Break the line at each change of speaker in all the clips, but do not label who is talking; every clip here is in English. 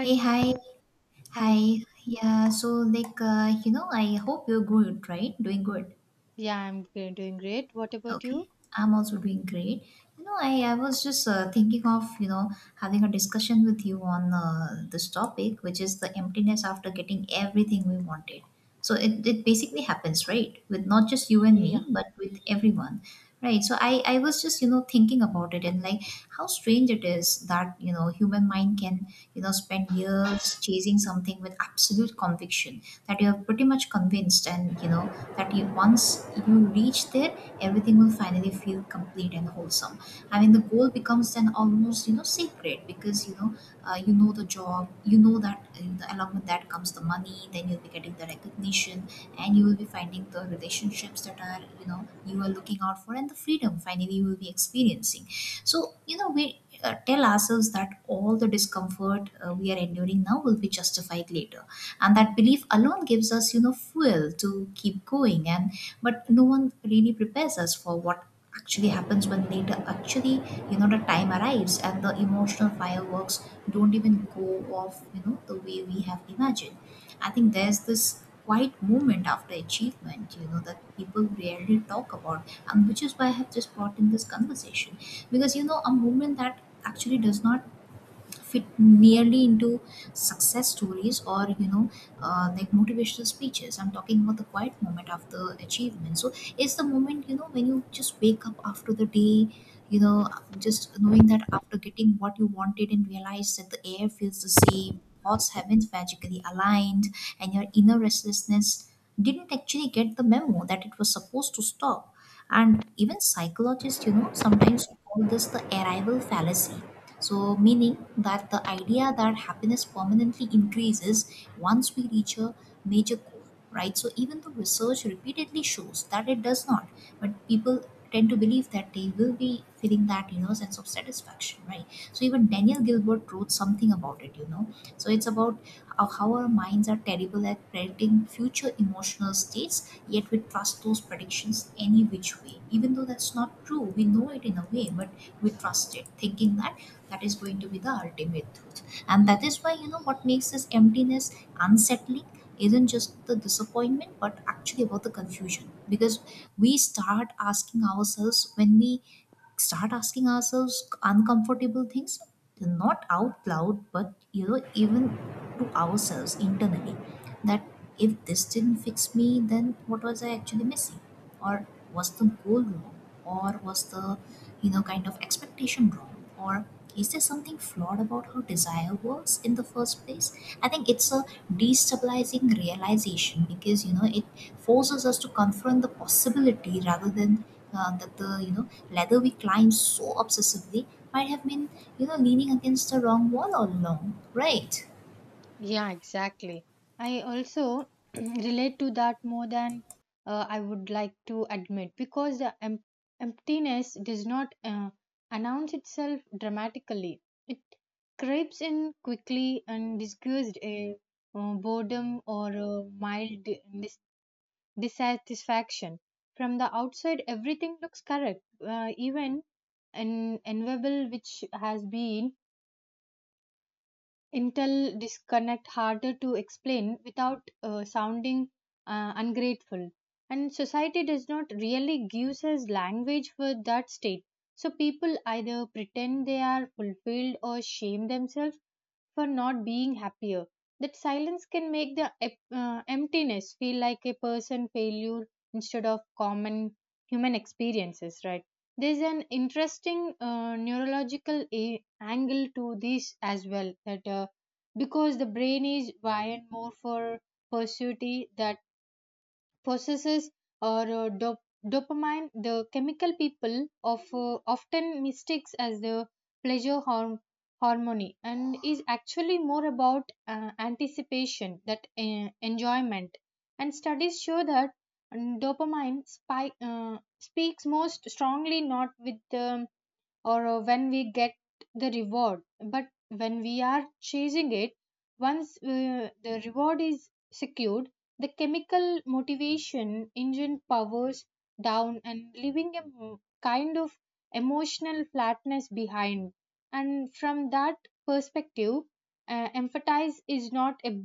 Hey, hi, hi.
hi. Hi.
I hope you're good, right? Doing good.
Yeah, doing great. What about
Okay,
you?
I'm also doing great. You know, I was just thinking of, having a discussion with you on this topic, which is the emptiness after getting everything we wanted. So it basically happens, right? With not just you and
Yeah,
me, but with everyone, right? So I was just, thinking about it, and like how strange it is that, human mind can, spend years chasing something with absolute conviction, that you're pretty much convinced and, that you, once you reach there, everything will finally feel complete and wholesome. I mean, the goal becomes then almost, sacred, because you know the job, you know that the, along with that comes the money. Then you'll be getting the recognition, and you will be finding the relationships that are, you are looking out for, and the freedom finally you will be experiencing. So we. Tell ourselves that all the discomfort we are enduring now will be justified later, and that belief alone gives us, fuel to keep going. And but no one really prepares us for what actually happens when later, actually, the time arrives, and the emotional fireworks don't even go off, the way we have imagined. I think there's this quiet moment after achievement, that people rarely talk about, and which is why I have just brought in this conversation. Because, a moment that actually does not fit nearly into success stories, or like motivational speeches. I'm talking about the quiet moment after achievement. So it's the moment, when you just wake up after the day, you know just knowing that after getting what you wanted, and realize that the air feels the same, thoughts haven't magically aligned, and your inner restlessness didn't actually get the memo that it was supposed to stop. And even psychologists, sometimes call this the arrival fallacy. So, meaning that the idea that happiness permanently increases once we reach a major goal, right? So, even though research repeatedly shows that it does not, but people tend to believe that they will be feeling that, sense of satisfaction, right? So even Daniel Gilbert wrote something about it, so it's about how our minds are terrible at predicting future emotional states, yet we trust those predictions any which way. Even though that's not true, we know it in a way, but we trust it, thinking that that is going to be the ultimate truth. And that is why, what makes this emptiness unsettling isn't just the disappointment, but actually about the confusion. Because we start asking ourselves, when we start asking ourselves uncomfortable things, not out loud, but, even to ourselves internally, that if this didn't fix me, then what was I actually missing? Or was the goal wrong, or was the, kind of expectation wrong? Or is there something flawed about how desire works in the first place? I think it's a destabilizing realization, because, it forces us to confront the possibility, rather than that the, ladder we climb so obsessively might have been, leaning against the wrong wall all along, right?
yeah, exactly. I also relate to that more than I would like to admit because the emptiness does not announce itself dramatically. It creeps in quickly and disguised a boredom or a mild dissatisfaction. From the outside, everything looks correct, even an enviable which has been intel disconnect harder to explain without sounding ungrateful. And society does not really gives us language for that state. So people either pretend they are fulfilled or shame themselves for not being happier. That silence can make the emptiness feel like a person failure instead of common human experiences, right? There's an interesting neurological angle to this as well that because the brain is wired more for pursuit that possesses or dopamine, the chemical people of often mistakes as the pleasure hormone, and is actually more about anticipation that enjoyment. And studies show that dopamine spike speaks most strongly not with the or when we get the reward but when we are chasing it. Once the reward is secured, the chemical motivation engine powers down and leaving a kind of emotional flatness behind. And from that perspective, empathize is not a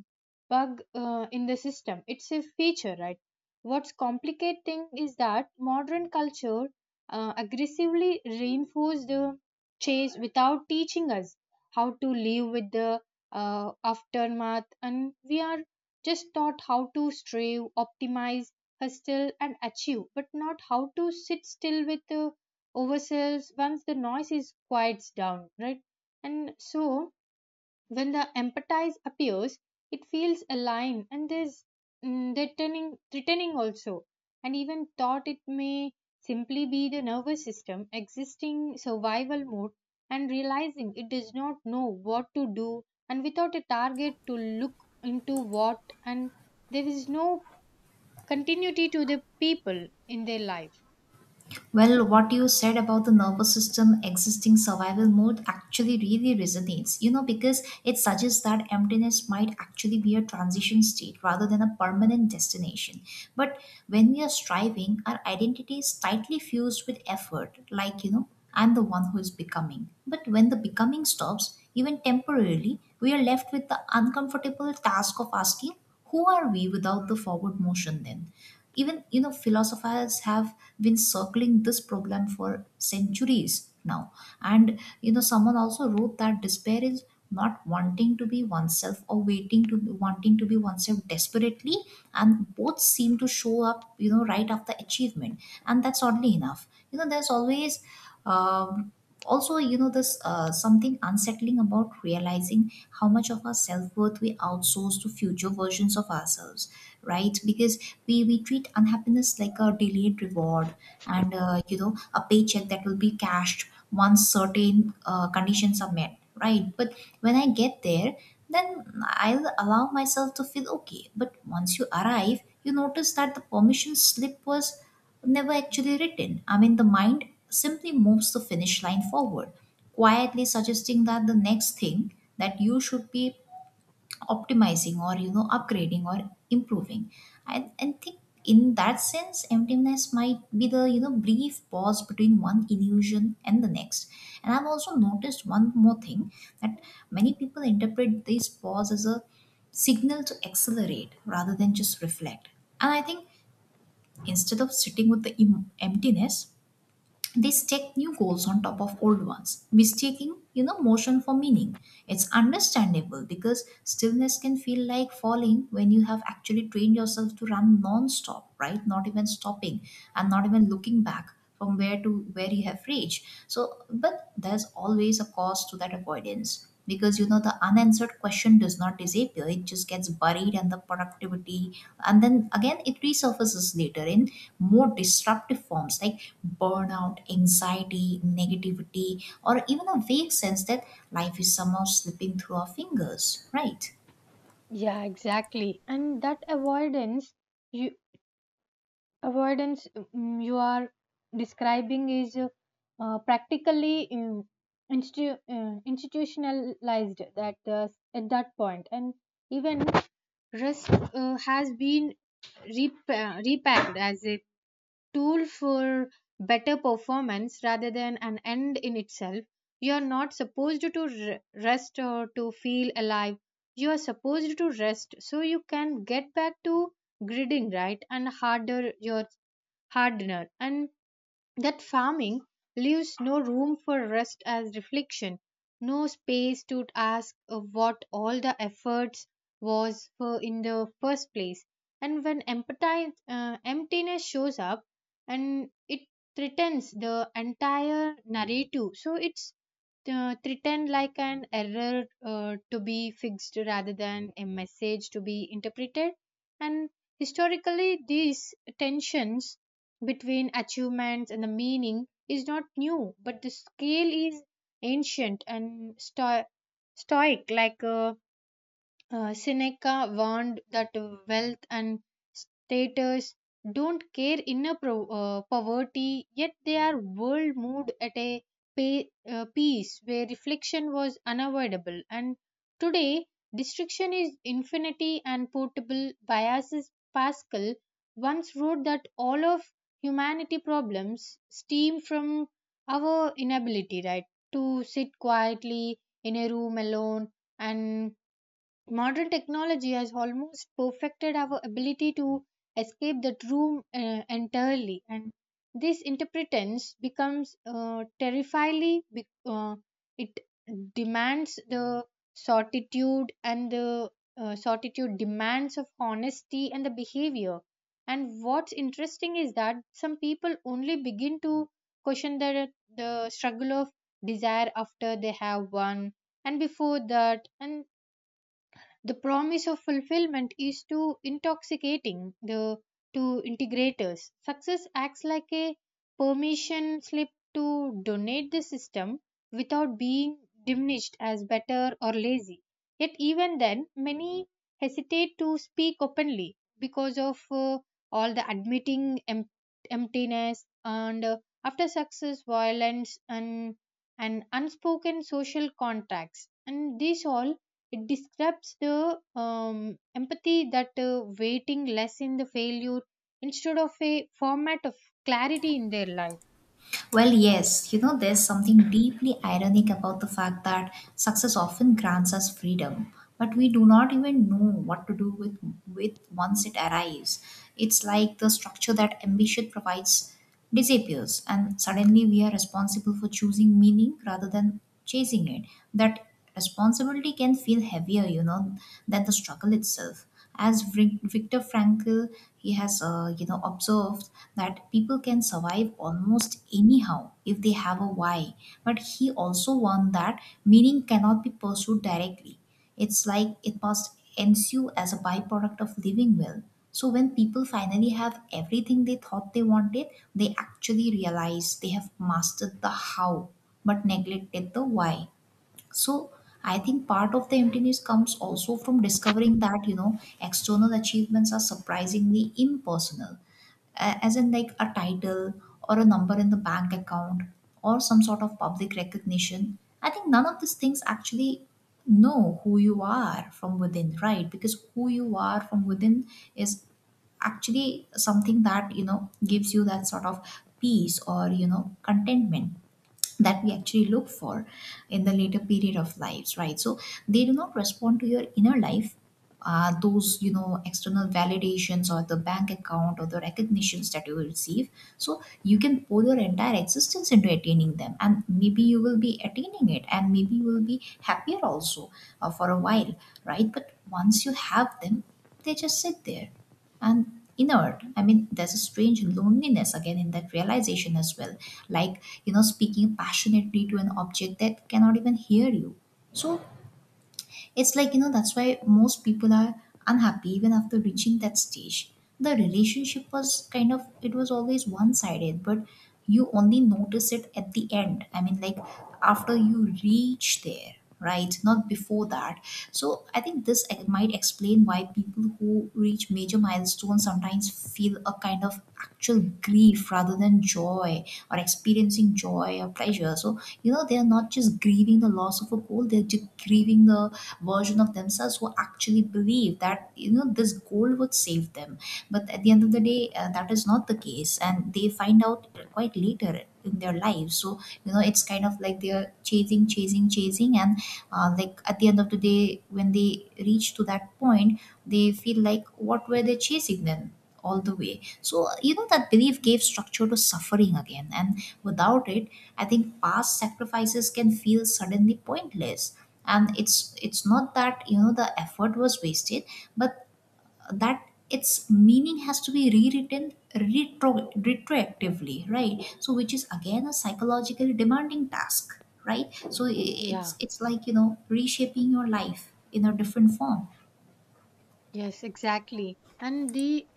bug in the system, it's a feature, right? What's complicating is that modern culture aggressively reinforce the chase without teaching us how to live with the aftermath, and we are just taught how to strive, optimize, hustle, and achieve, but not how to sit still with the ourselves once the noise is quiets down, right? And so when the empathize appears, it feels aligned and there's threatening also. And even thought it may simply be the nervous system existing survival mode and realizing it does not know what to do, and without a target to look into what, and there is no continuity to the people in their life.
Well, what you said about the nervous system existing survival mode actually really resonates, because it suggests that emptiness might actually be a transition state rather than a permanent destination. But when we are striving, our identity is tightly fused with effort, like, I'm the one who is becoming. But when the becoming stops, even temporarily, we are left with the uncomfortable task of asking, who are we without the forward motion then? Even, philosophers have been circling this problem for centuries now. And someone also wrote that despair is not wanting to be oneself, or waiting to wanting to be oneself desperately. And both seem to show up, right after achievement. And that's oddly enough, there's always um, also, this something unsettling about realizing how much of our self-worth we outsource to future versions of ourselves. Right, because we treat unhappiness like a delayed reward, and a paycheck that will be cashed once certain conditions are met, right? But when I get there, then I'll allow myself to feel okay. But once you arrive, you notice that the permission slip was never actually written. I mean, the mind simply moves the finish line forward, quietly suggesting that the next thing that you should be optimizing, or, upgrading or improving. I and think in that sense, emptiness might be the, brief pause between one illusion and the next. And I've also noticed one more thing, that many people interpret this pause as a signal to accelerate rather than just reflect. And I think, instead of sitting with the emptiness, they stack new goals on top of old ones, mistaking, motion for meaning. It's understandable, because stillness can feel like falling when you have actually trained yourself to run non-stop, right? Not even stopping, and not even looking back from where, to where you have reached. So, but there's always a cost to that avoidance, because the unanswered question does not disappear, it just gets buried. And the productivity, and then again it resurfaces later in more disruptive forms, like burnout, anxiety, negativity, or even a vague sense that life is somehow slipping through our fingers, right?
Yeah, exactly. And that you. avoidance you are describing is practically institutionalized that at that point, and even risk has been repacked as a tool for better performance rather than an end in itself. You are not supposed to rest or to feel alive. You are supposed to rest so you can get back to gridding, right? And harder your hardener. And that farming leaves no room for rest as reflection, no space to ask what all the efforts was for in the first place. And when emptiness shows up, and it threatens the entire narrative, so it's threatened like an error to be fixed rather than a message to be interpreted. And historically, these tensions between achievements and the meaning is not new, but the scale is ancient and stoic, like Seneca warned that wealth and status don't care inner poverty, yet they are world moved at a pace where reflection was unavoidable. And today, destruction is infinity and portable. Biases Pascal once wrote that all of humanity problems stem from our inability, right, to sit quietly in a room alone. And modern technology has almost perfected our ability to escape that room entirely, and this interpretance becomes terrifyingly. It demands the certitude and the certitude demands of honesty and the behavior. And what's interesting is that some people only begin to question the struggle of desire after they have won, and before that, and the promise of fulfillment is too intoxicating the to integrators. Success acts like a permission slip to donate the system without being diminished as better or lazy. Yet even then, many hesitate to speak openly because of all the admitting emptiness and after success, violence and unspoken social contracts. And this all, it describes the empathy that waiting less in the failure instead of a format of clarity in their life.
Well, yes, there's something deeply ironic about the fact that success often grants us freedom, but we do not even know what to do with once it arrives. It's like the structure that ambition provides disappears, and suddenly we are responsible for choosing meaning rather than chasing it. That responsibility can feel heavier, than the struggle itself. As Viktor Frankl, he has observed, that people can survive almost anyhow if they have a why. But he also warned that meaning cannot be pursued directly. It's like it must ensue as a byproduct of living well. So when people finally have everything they thought they wanted, they actually realize they have mastered the how, but neglected the why. So I think part of the emptiness comes also from discovering that, external achievements are surprisingly impersonal. As in like a title, or a number in the bank account, or some sort of public recognition. I think none of these things actually know who you are from within, right? Because who you are from within is actually something that, gives you that sort of peace, or, contentment that we actually look for in the later period of lives, right? So they do not respond to your inner life, those, external validations, or the bank account, or the recognitions that you will receive. So you can pour your entire existence into attaining them, and maybe you will be attaining it, and maybe you will be happier also, for a while, right? But once you have them, they just sit there, and inert. I mean, there's a strange loneliness again in that realization as well. Like, speaking passionately to an object that cannot even hear you. So, it's like, that's why most people are unhappy even after reaching that stage. The relationship was kind of, it was always one sided, but you only notice it at the end. I mean, like after you reach there, right? Not before that. So I think this might explain why people who reach major milestones sometimes feel a kind of actual grief rather than joy, or experiencing joy or pleasure. So, you know, they are not just grieving the loss of a goal, they're just grieving the version of themselves who actually believe that you know this goal would save them, but at the end of the day that is not the case, and they find out quite later in their lives. So you know, it's kind of like they're chasing chasing chasing and like at the end of the day when they reach to that point, they feel like what were they chasing then all the way. So you know, that belief gave structure to suffering again, and without it, I think past sacrifices can feel suddenly pointless, and it's not that you know the effort was wasted, but that its meaning has to be rewritten retroactively, right? So which is again a psychologically demanding task, right? So it's
Yeah.
it's like you know reshaping your life in a different form.
Yes, exactly. And the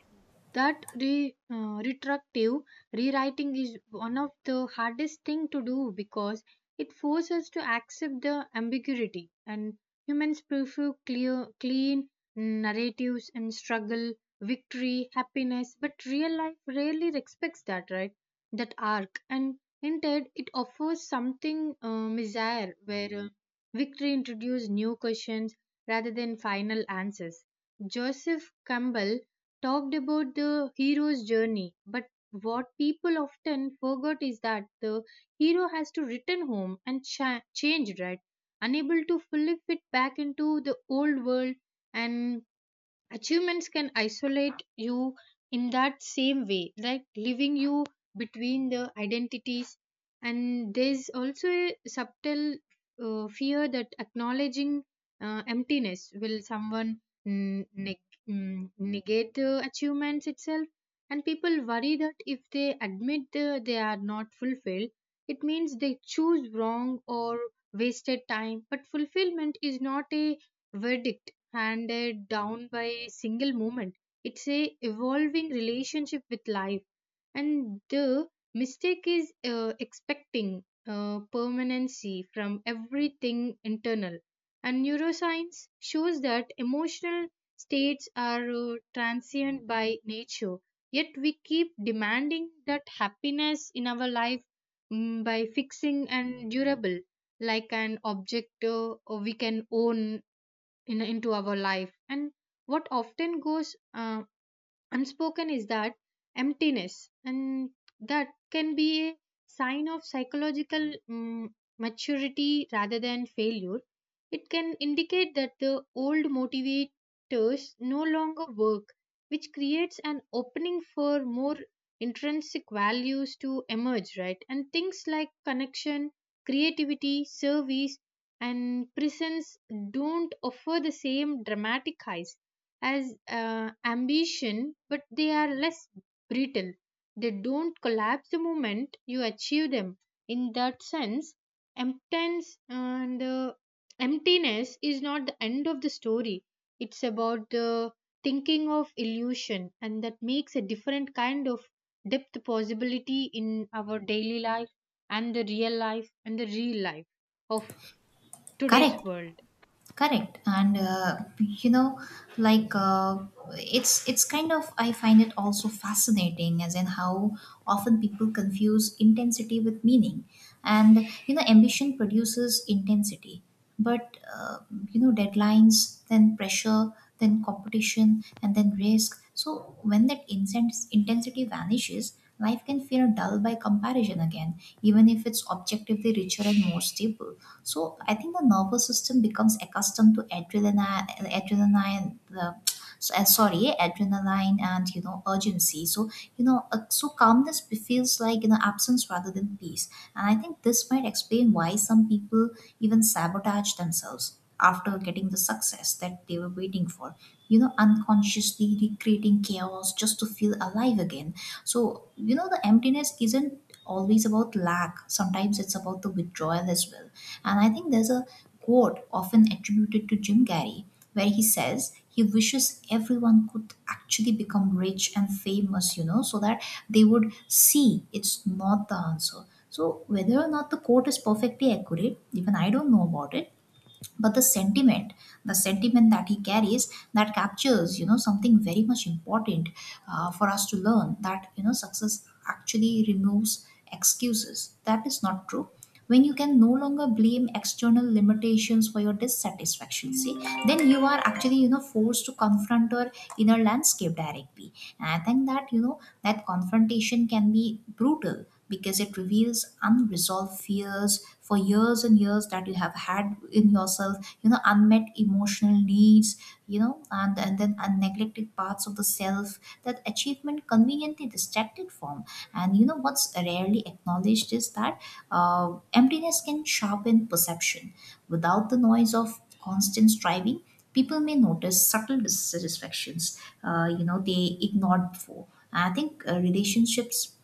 retroactive rewriting is one of the hardest thing to do because it forces us to accept the ambiguity, and humans prefer clear clean narratives and struggle, victory, happiness, but real life rarely respects that, right? That arc, and instead it offers something bizarre where victory introduces new questions rather than final answers. Joseph Campbell talked about the hero's journey, but what people often forget is that the hero has to return home and change, right? Unable to fully fit back into the old world, and achievements can isolate you in that same way, like leaving you between the identities. And there's also a subtle fear that acknowledging emptiness will someone negate the achievements itself, and people worry that if they admit the, they are not fulfilled, it means they choose wrong or wasted time. But fulfillment is not a verdict handed down by a single moment. It's a evolving relationship with life, and the mistake is expecting permanency from everything internal. And neuroscience shows that emotional states are transient by nature, yet we keep demanding that happiness in our life by fixing and durable like an object we can own in into our life. And what often goes unspoken is that emptiness and that can be a sign of psychological maturity rather than failure. It can indicate that the old motivators no longer work, which creates an opening for more intrinsic values to emerge, right? And things like connection, creativity, service, and presence don't offer the same dramatic highs as ambition, but they are less brittle. They don't collapse the moment you achieve them. In that sense, emptiness and uh, emptiness is not the end of the story. It's about the thinking of illusion, and that makes a different kind of depth possibility in our daily life and the real life of today's
Correct.
world.
Correct, and you know, like uh, it's kind of, I find it also fascinating, as in how often people confuse intensity with meaning, and you know, ambition produces intensity, but you know, deadlines, then pressure, then competition, and then risk. So when that incense intensity vanishes, life can feel dull by comparison again, even if it's objectively richer and more stable. So I think the nervous system becomes accustomed to adrenaline and you know urgency. So you know so calmness feels like you know absence rather than peace. And I think this might explain why some people even sabotage themselves after getting the success that they were waiting for, you know, unconsciously recreating chaos just to feel alive again. So you know, the emptiness isn't always about lack, sometimes it's about the withdrawal as well. And I think there's a quote often attributed to Jim Carrey, where he says he wishes everyone could actually become rich and famous, you know, so that they would see it's not the answer. So, whether or not the quote is perfectly accurate, even I don't know about it, but the sentiment that he carries, that captures you know something very much important for us to learn, that you know success actually removes excuses, that is not true. When you can no longer blame external limitations for your dissatisfaction, see, then you are actually you know forced to confront your inner landscape directly. And I think that you know that confrontation can be brutal, because it reveals unresolved fears for years and years that you have had in yourself, you know, unmet emotional needs, you know, and neglected parts of the self that achievement conveniently distracted from. And you know, what's rarely acknowledged is that emptiness can sharpen perception. Without the noise of constant striving, people may notice subtle dissatisfactions you know they ignored before. I think relationships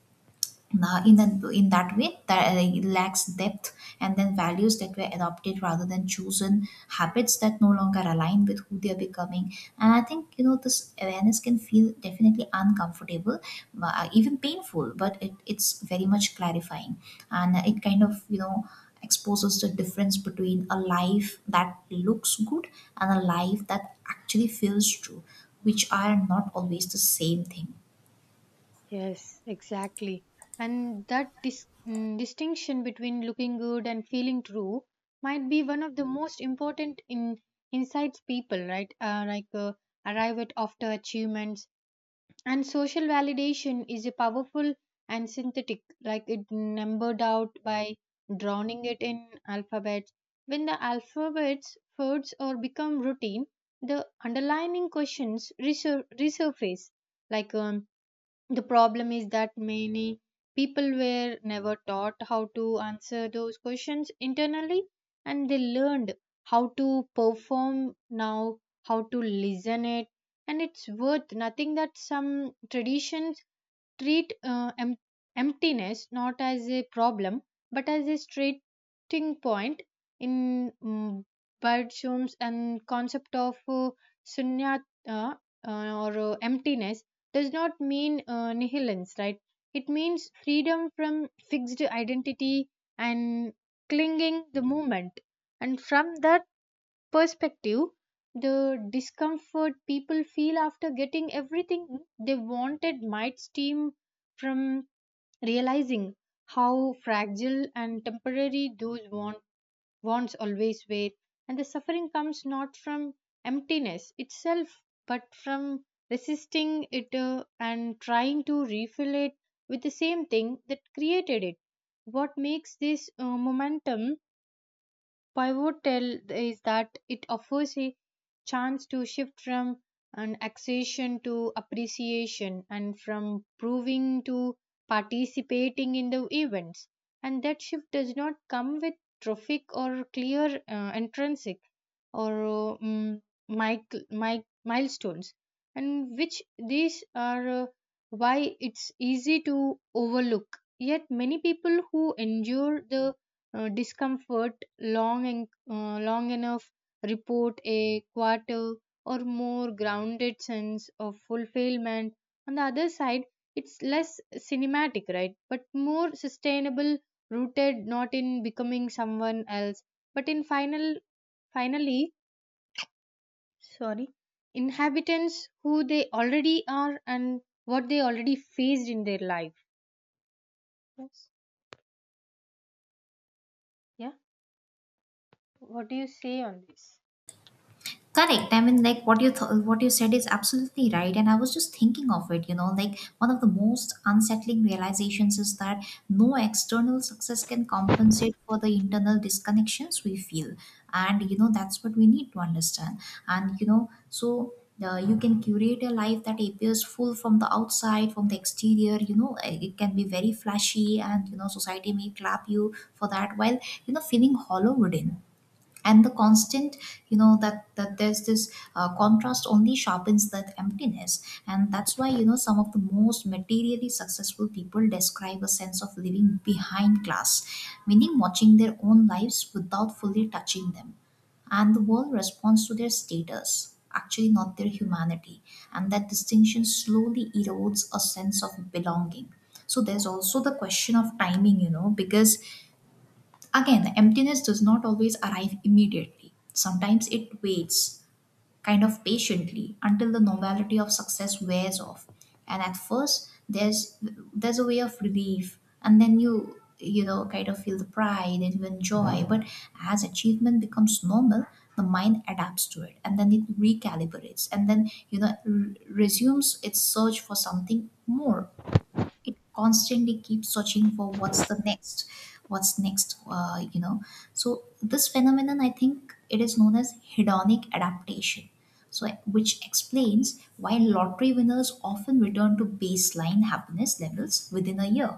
now, in that way, that it lacks depth, and then values that were adopted rather than chosen, habits that no longer align with who they are becoming. And I think you know this awareness can feel definitely uncomfortable, even painful, but it's very much clarifying, and it kind of you know exposes the difference between a life that looks good and a life that actually feels true, which are not always the same thing.
Yes, exactly. And that distinction between looking good and feeling true might be one of the most important in insights people, right? Arrive at after achievements. And social validation is a powerful and synthetic, like it numbered out by drowning it in alphabets. When the alphabets fades or become routine, the underlining questions resurface, like the problem is that many people were never taught how to answer those questions internally, and they learned how to perform now, how to listen it. And it's worth nothing that some traditions treat emptiness not as a problem but as a starting point in Bergson's and concept of shunyata, uh, or emptiness does not mean nihilance, right? It means freedom from fixed identity and clinging the moment. And from that perspective, the discomfort people feel after getting everything they wanted might stem from realizing how fragile and temporary those wants always were, and the suffering comes not from emptiness itself but from resisting it and trying to refill it with the same thing that created it. What makes this momentum pivotal is that it offers a chance to shift from an accession to appreciation and from proving to participating in the events. And that shift does not come with trophic or clear intrinsic or milestones, and which these are why it's easy to overlook. Yet, many people who endure the discomfort long and long enough report a quarter or more grounded sense of fulfillment on the other side. It's less cinematic, right? But more sustainable, rooted not in becoming someone else but in finally, sorry, inhabitants who they already are and what they already faced in their life. Yes. Yeah. What do you say on this?
Correct. I mean, like what what you said is absolutely right, and I was just thinking of it. You know, like one of the most unsettling realizations is that no external success can compensate for the internal disconnections we feel, and you know that's what we need to understand. And you know, so you can curate a life that appears full from the outside, from the exterior. You know, it can be very flashy, and you know, society may clap you for that, while you know feeling hollow within. And the constant, you know, that there's this contrast only sharpens that emptiness, and that's why you know some of the most materially successful people describe a sense of living behind glass, meaning watching their own lives without fully touching them. And the world responds to their status, actually not their humanity, and that distinction slowly erodes a sense of belonging. So there's also the question of timing, you know, because again, emptiness does not always arrive immediately. Sometimes it waits, kind of patiently, until the novelty of success wears off. And at first, there's a way of relief, and then you know kind of feel the pride and even joy. But as achievement becomes normal, the mind adapts to it, and then it recalibrates, and then you know resumes its search for something more. It constantly keeps searching for what's the next, what's next, you know. So this phenomenon, I think, it is known as hedonic adaptation. So which explains why lottery winners often return to baseline happiness levels within a year.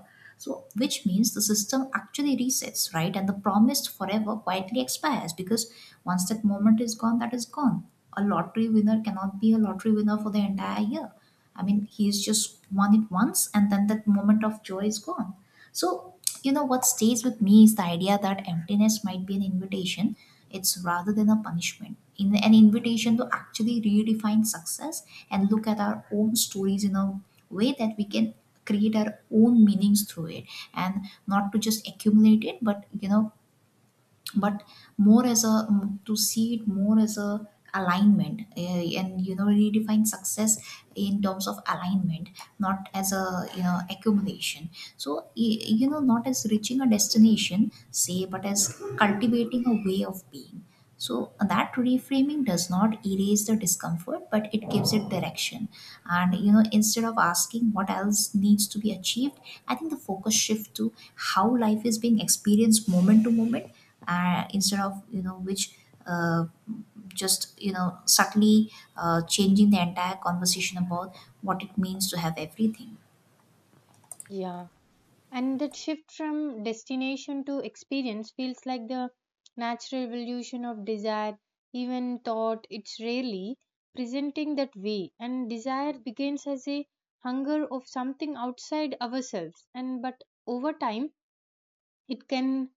So which means the system actually resets, right? And the promised forever quietly expires, because once that moment is gone, that is gone. A lottery winner cannot be a lottery winner for the entire year. I mean, he's just won it once, and then that moment of joy is gone. So, you know, what stays with me is the idea that emptiness might be an invitation. It's rather than a punishment, in an invitation to actually redefine success and look at our own stories in a way that we can create our own meanings through it, and not to just accumulate it, but, you know, but more as a to see it more as a alignment, and you know redefine success in terms of alignment, not as a you know accumulation. So you know, not as reaching a destination, say, but as cultivating a way of being. So that reframing does not erase the discomfort, but it gives it direction. And you know, instead of asking what else needs to be achieved, I think the focus shift to how life is being experienced moment to moment, instead of you know which uh, just you know subtly changing the entire conversation about what it means to have everything.
Yeah. And that shift from destination to experience feels like the natural evolution of desire, even thought it's rarely presenting that way. And desire begins as a hunger of something outside ourselves, and but over time it can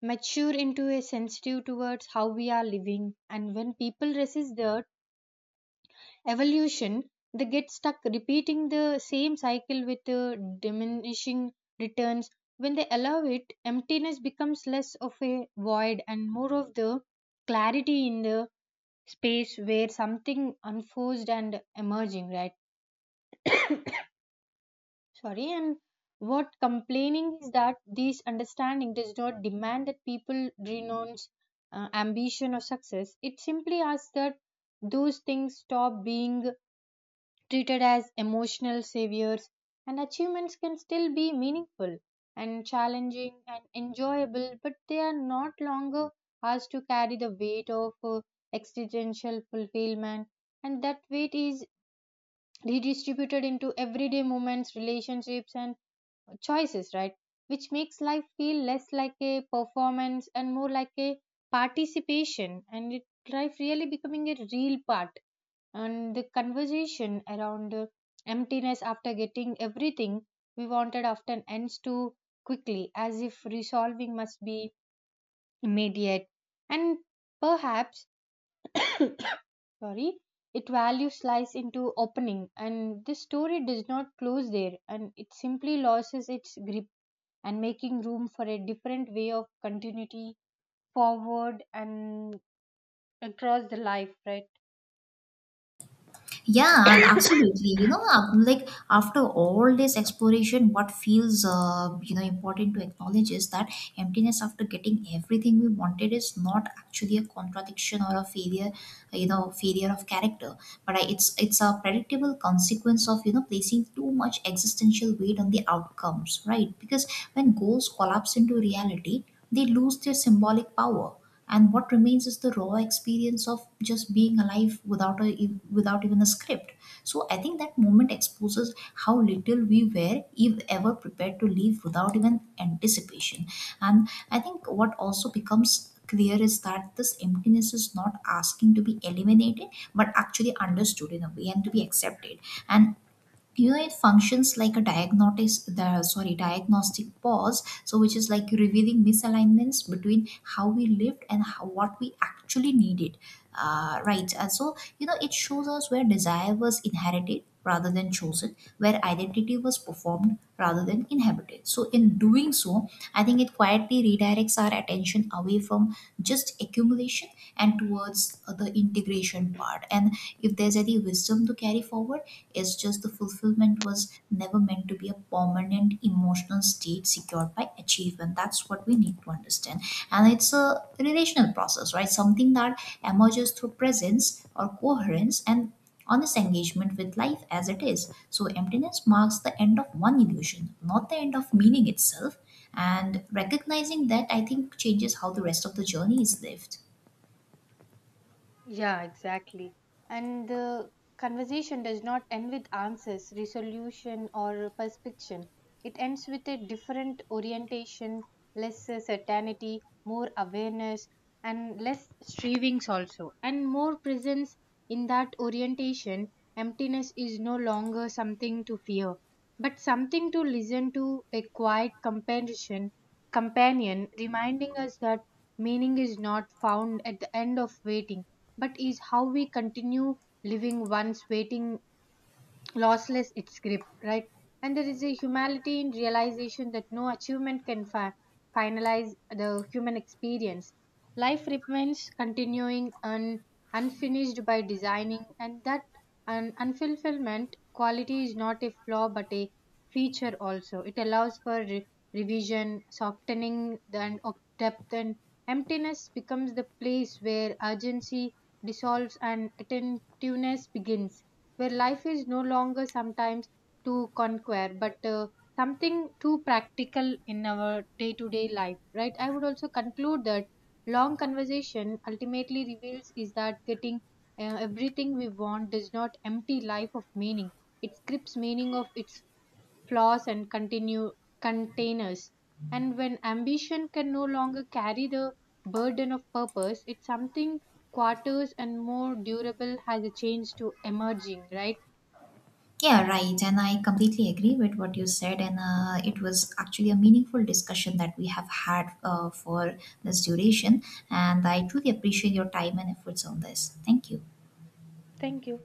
mature into a sensitive towards how we are living. And when people resist that evolution, they get stuck repeating the same cycle with diminishing returns. When they allow it, emptiness becomes less of a void and more of the clarity in the space where something unforced and emerging, right? Sorry, and what complaining is that this understanding does not demand that people renounce ambition or success. It simply asks that those things stop being treated as emotional saviors, and achievements can still be meaningful and challenging and enjoyable, but they are not longer asked to carry the weight of existential fulfillment, and that weight is redistributed into everyday moments, relationships, and choices, right? Which makes life feel less like a performance and more like a participation, and it, life really becoming a real part. And the conversation around emptiness after getting everything we wanted often ends too quickly, as if resolving must be immediate and perhaps, sorry, it value slice into opening, and this story does not close there, and it simply loses its grip, and making room for a different way of continuity forward and across the life, right?
Yeah, absolutely. You know, like after all this exploration, what feels you know important to acknowledge is that emptiness after getting everything we wanted is not actually a contradiction or a failure, you know, failure of character, but it's a predictable consequence of you know placing too much existential weight on the outcomes, right? Because when goals collapse into reality, they lose their symbolic power, and what remains is the raw experience of just being alive without even a script. So I think that moment exposes how little we were, if ever, prepared to live without even anticipation. And I think what also becomes clear is that this emptiness is not asking to be eliminated, but actually understood in a way, and to be accepted. And you know, it functions like a diagnostic the sorry diagnostic pause, so which is like revealing misalignments between how we lived and how, what we actually needed, right? And so you know, it shows us where desire was inherited rather than chosen, where identity was performed rather than inhabited. So in doing so, I think it quietly redirects our attention away from just accumulation and towards the integration part. And if there's any wisdom to carry forward, it's just the fulfillment was never meant to be a permanent emotional state secured by achievement. That's what we need to understand. And it's a relational process, right? Something that emerges through presence or coherence and honest engagement with life as it is. So, emptiness marks the end of one illusion, not the end of meaning itself. And recognizing that, I think, changes how the rest of the journey is lived.
Yeah, exactly. And the conversation does not end with answers, resolution, or perspective. It ends with a different orientation, less certainty, more awareness, and less strivings also, and more presence. In that orientation, emptiness is no longer something to fear, but something to listen to, a quiet companion, reminding us that meaning is not found at the end of waiting, but is how we continue living once waiting lossless its grip, right? And there is a humanity in realization that no achievement can finalize the human experience. Life remains continuing and unfinished by designing, and that unfulfillment quality is not a flaw but a feature also. It allows for revision, softening, and of depth, and emptiness becomes the place where urgency dissolves and attentiveness begins, where life is no longer sometimes to conquer but something too practical in our day to day life, right? I would also conclude that long conversation ultimately reveals is that getting everything we want does not empty life of meaning, it strips meaning of its flaws and continue containers. And when ambition can no longer carry the burden of purpose, it's something quarters and more durable has a chance to emerging, right?
Yeah, right. And I completely agree with what you said. And it was actually a meaningful discussion that we have had for this duration. And I truly appreciate your time and efforts on this. Thank you.
Thank you.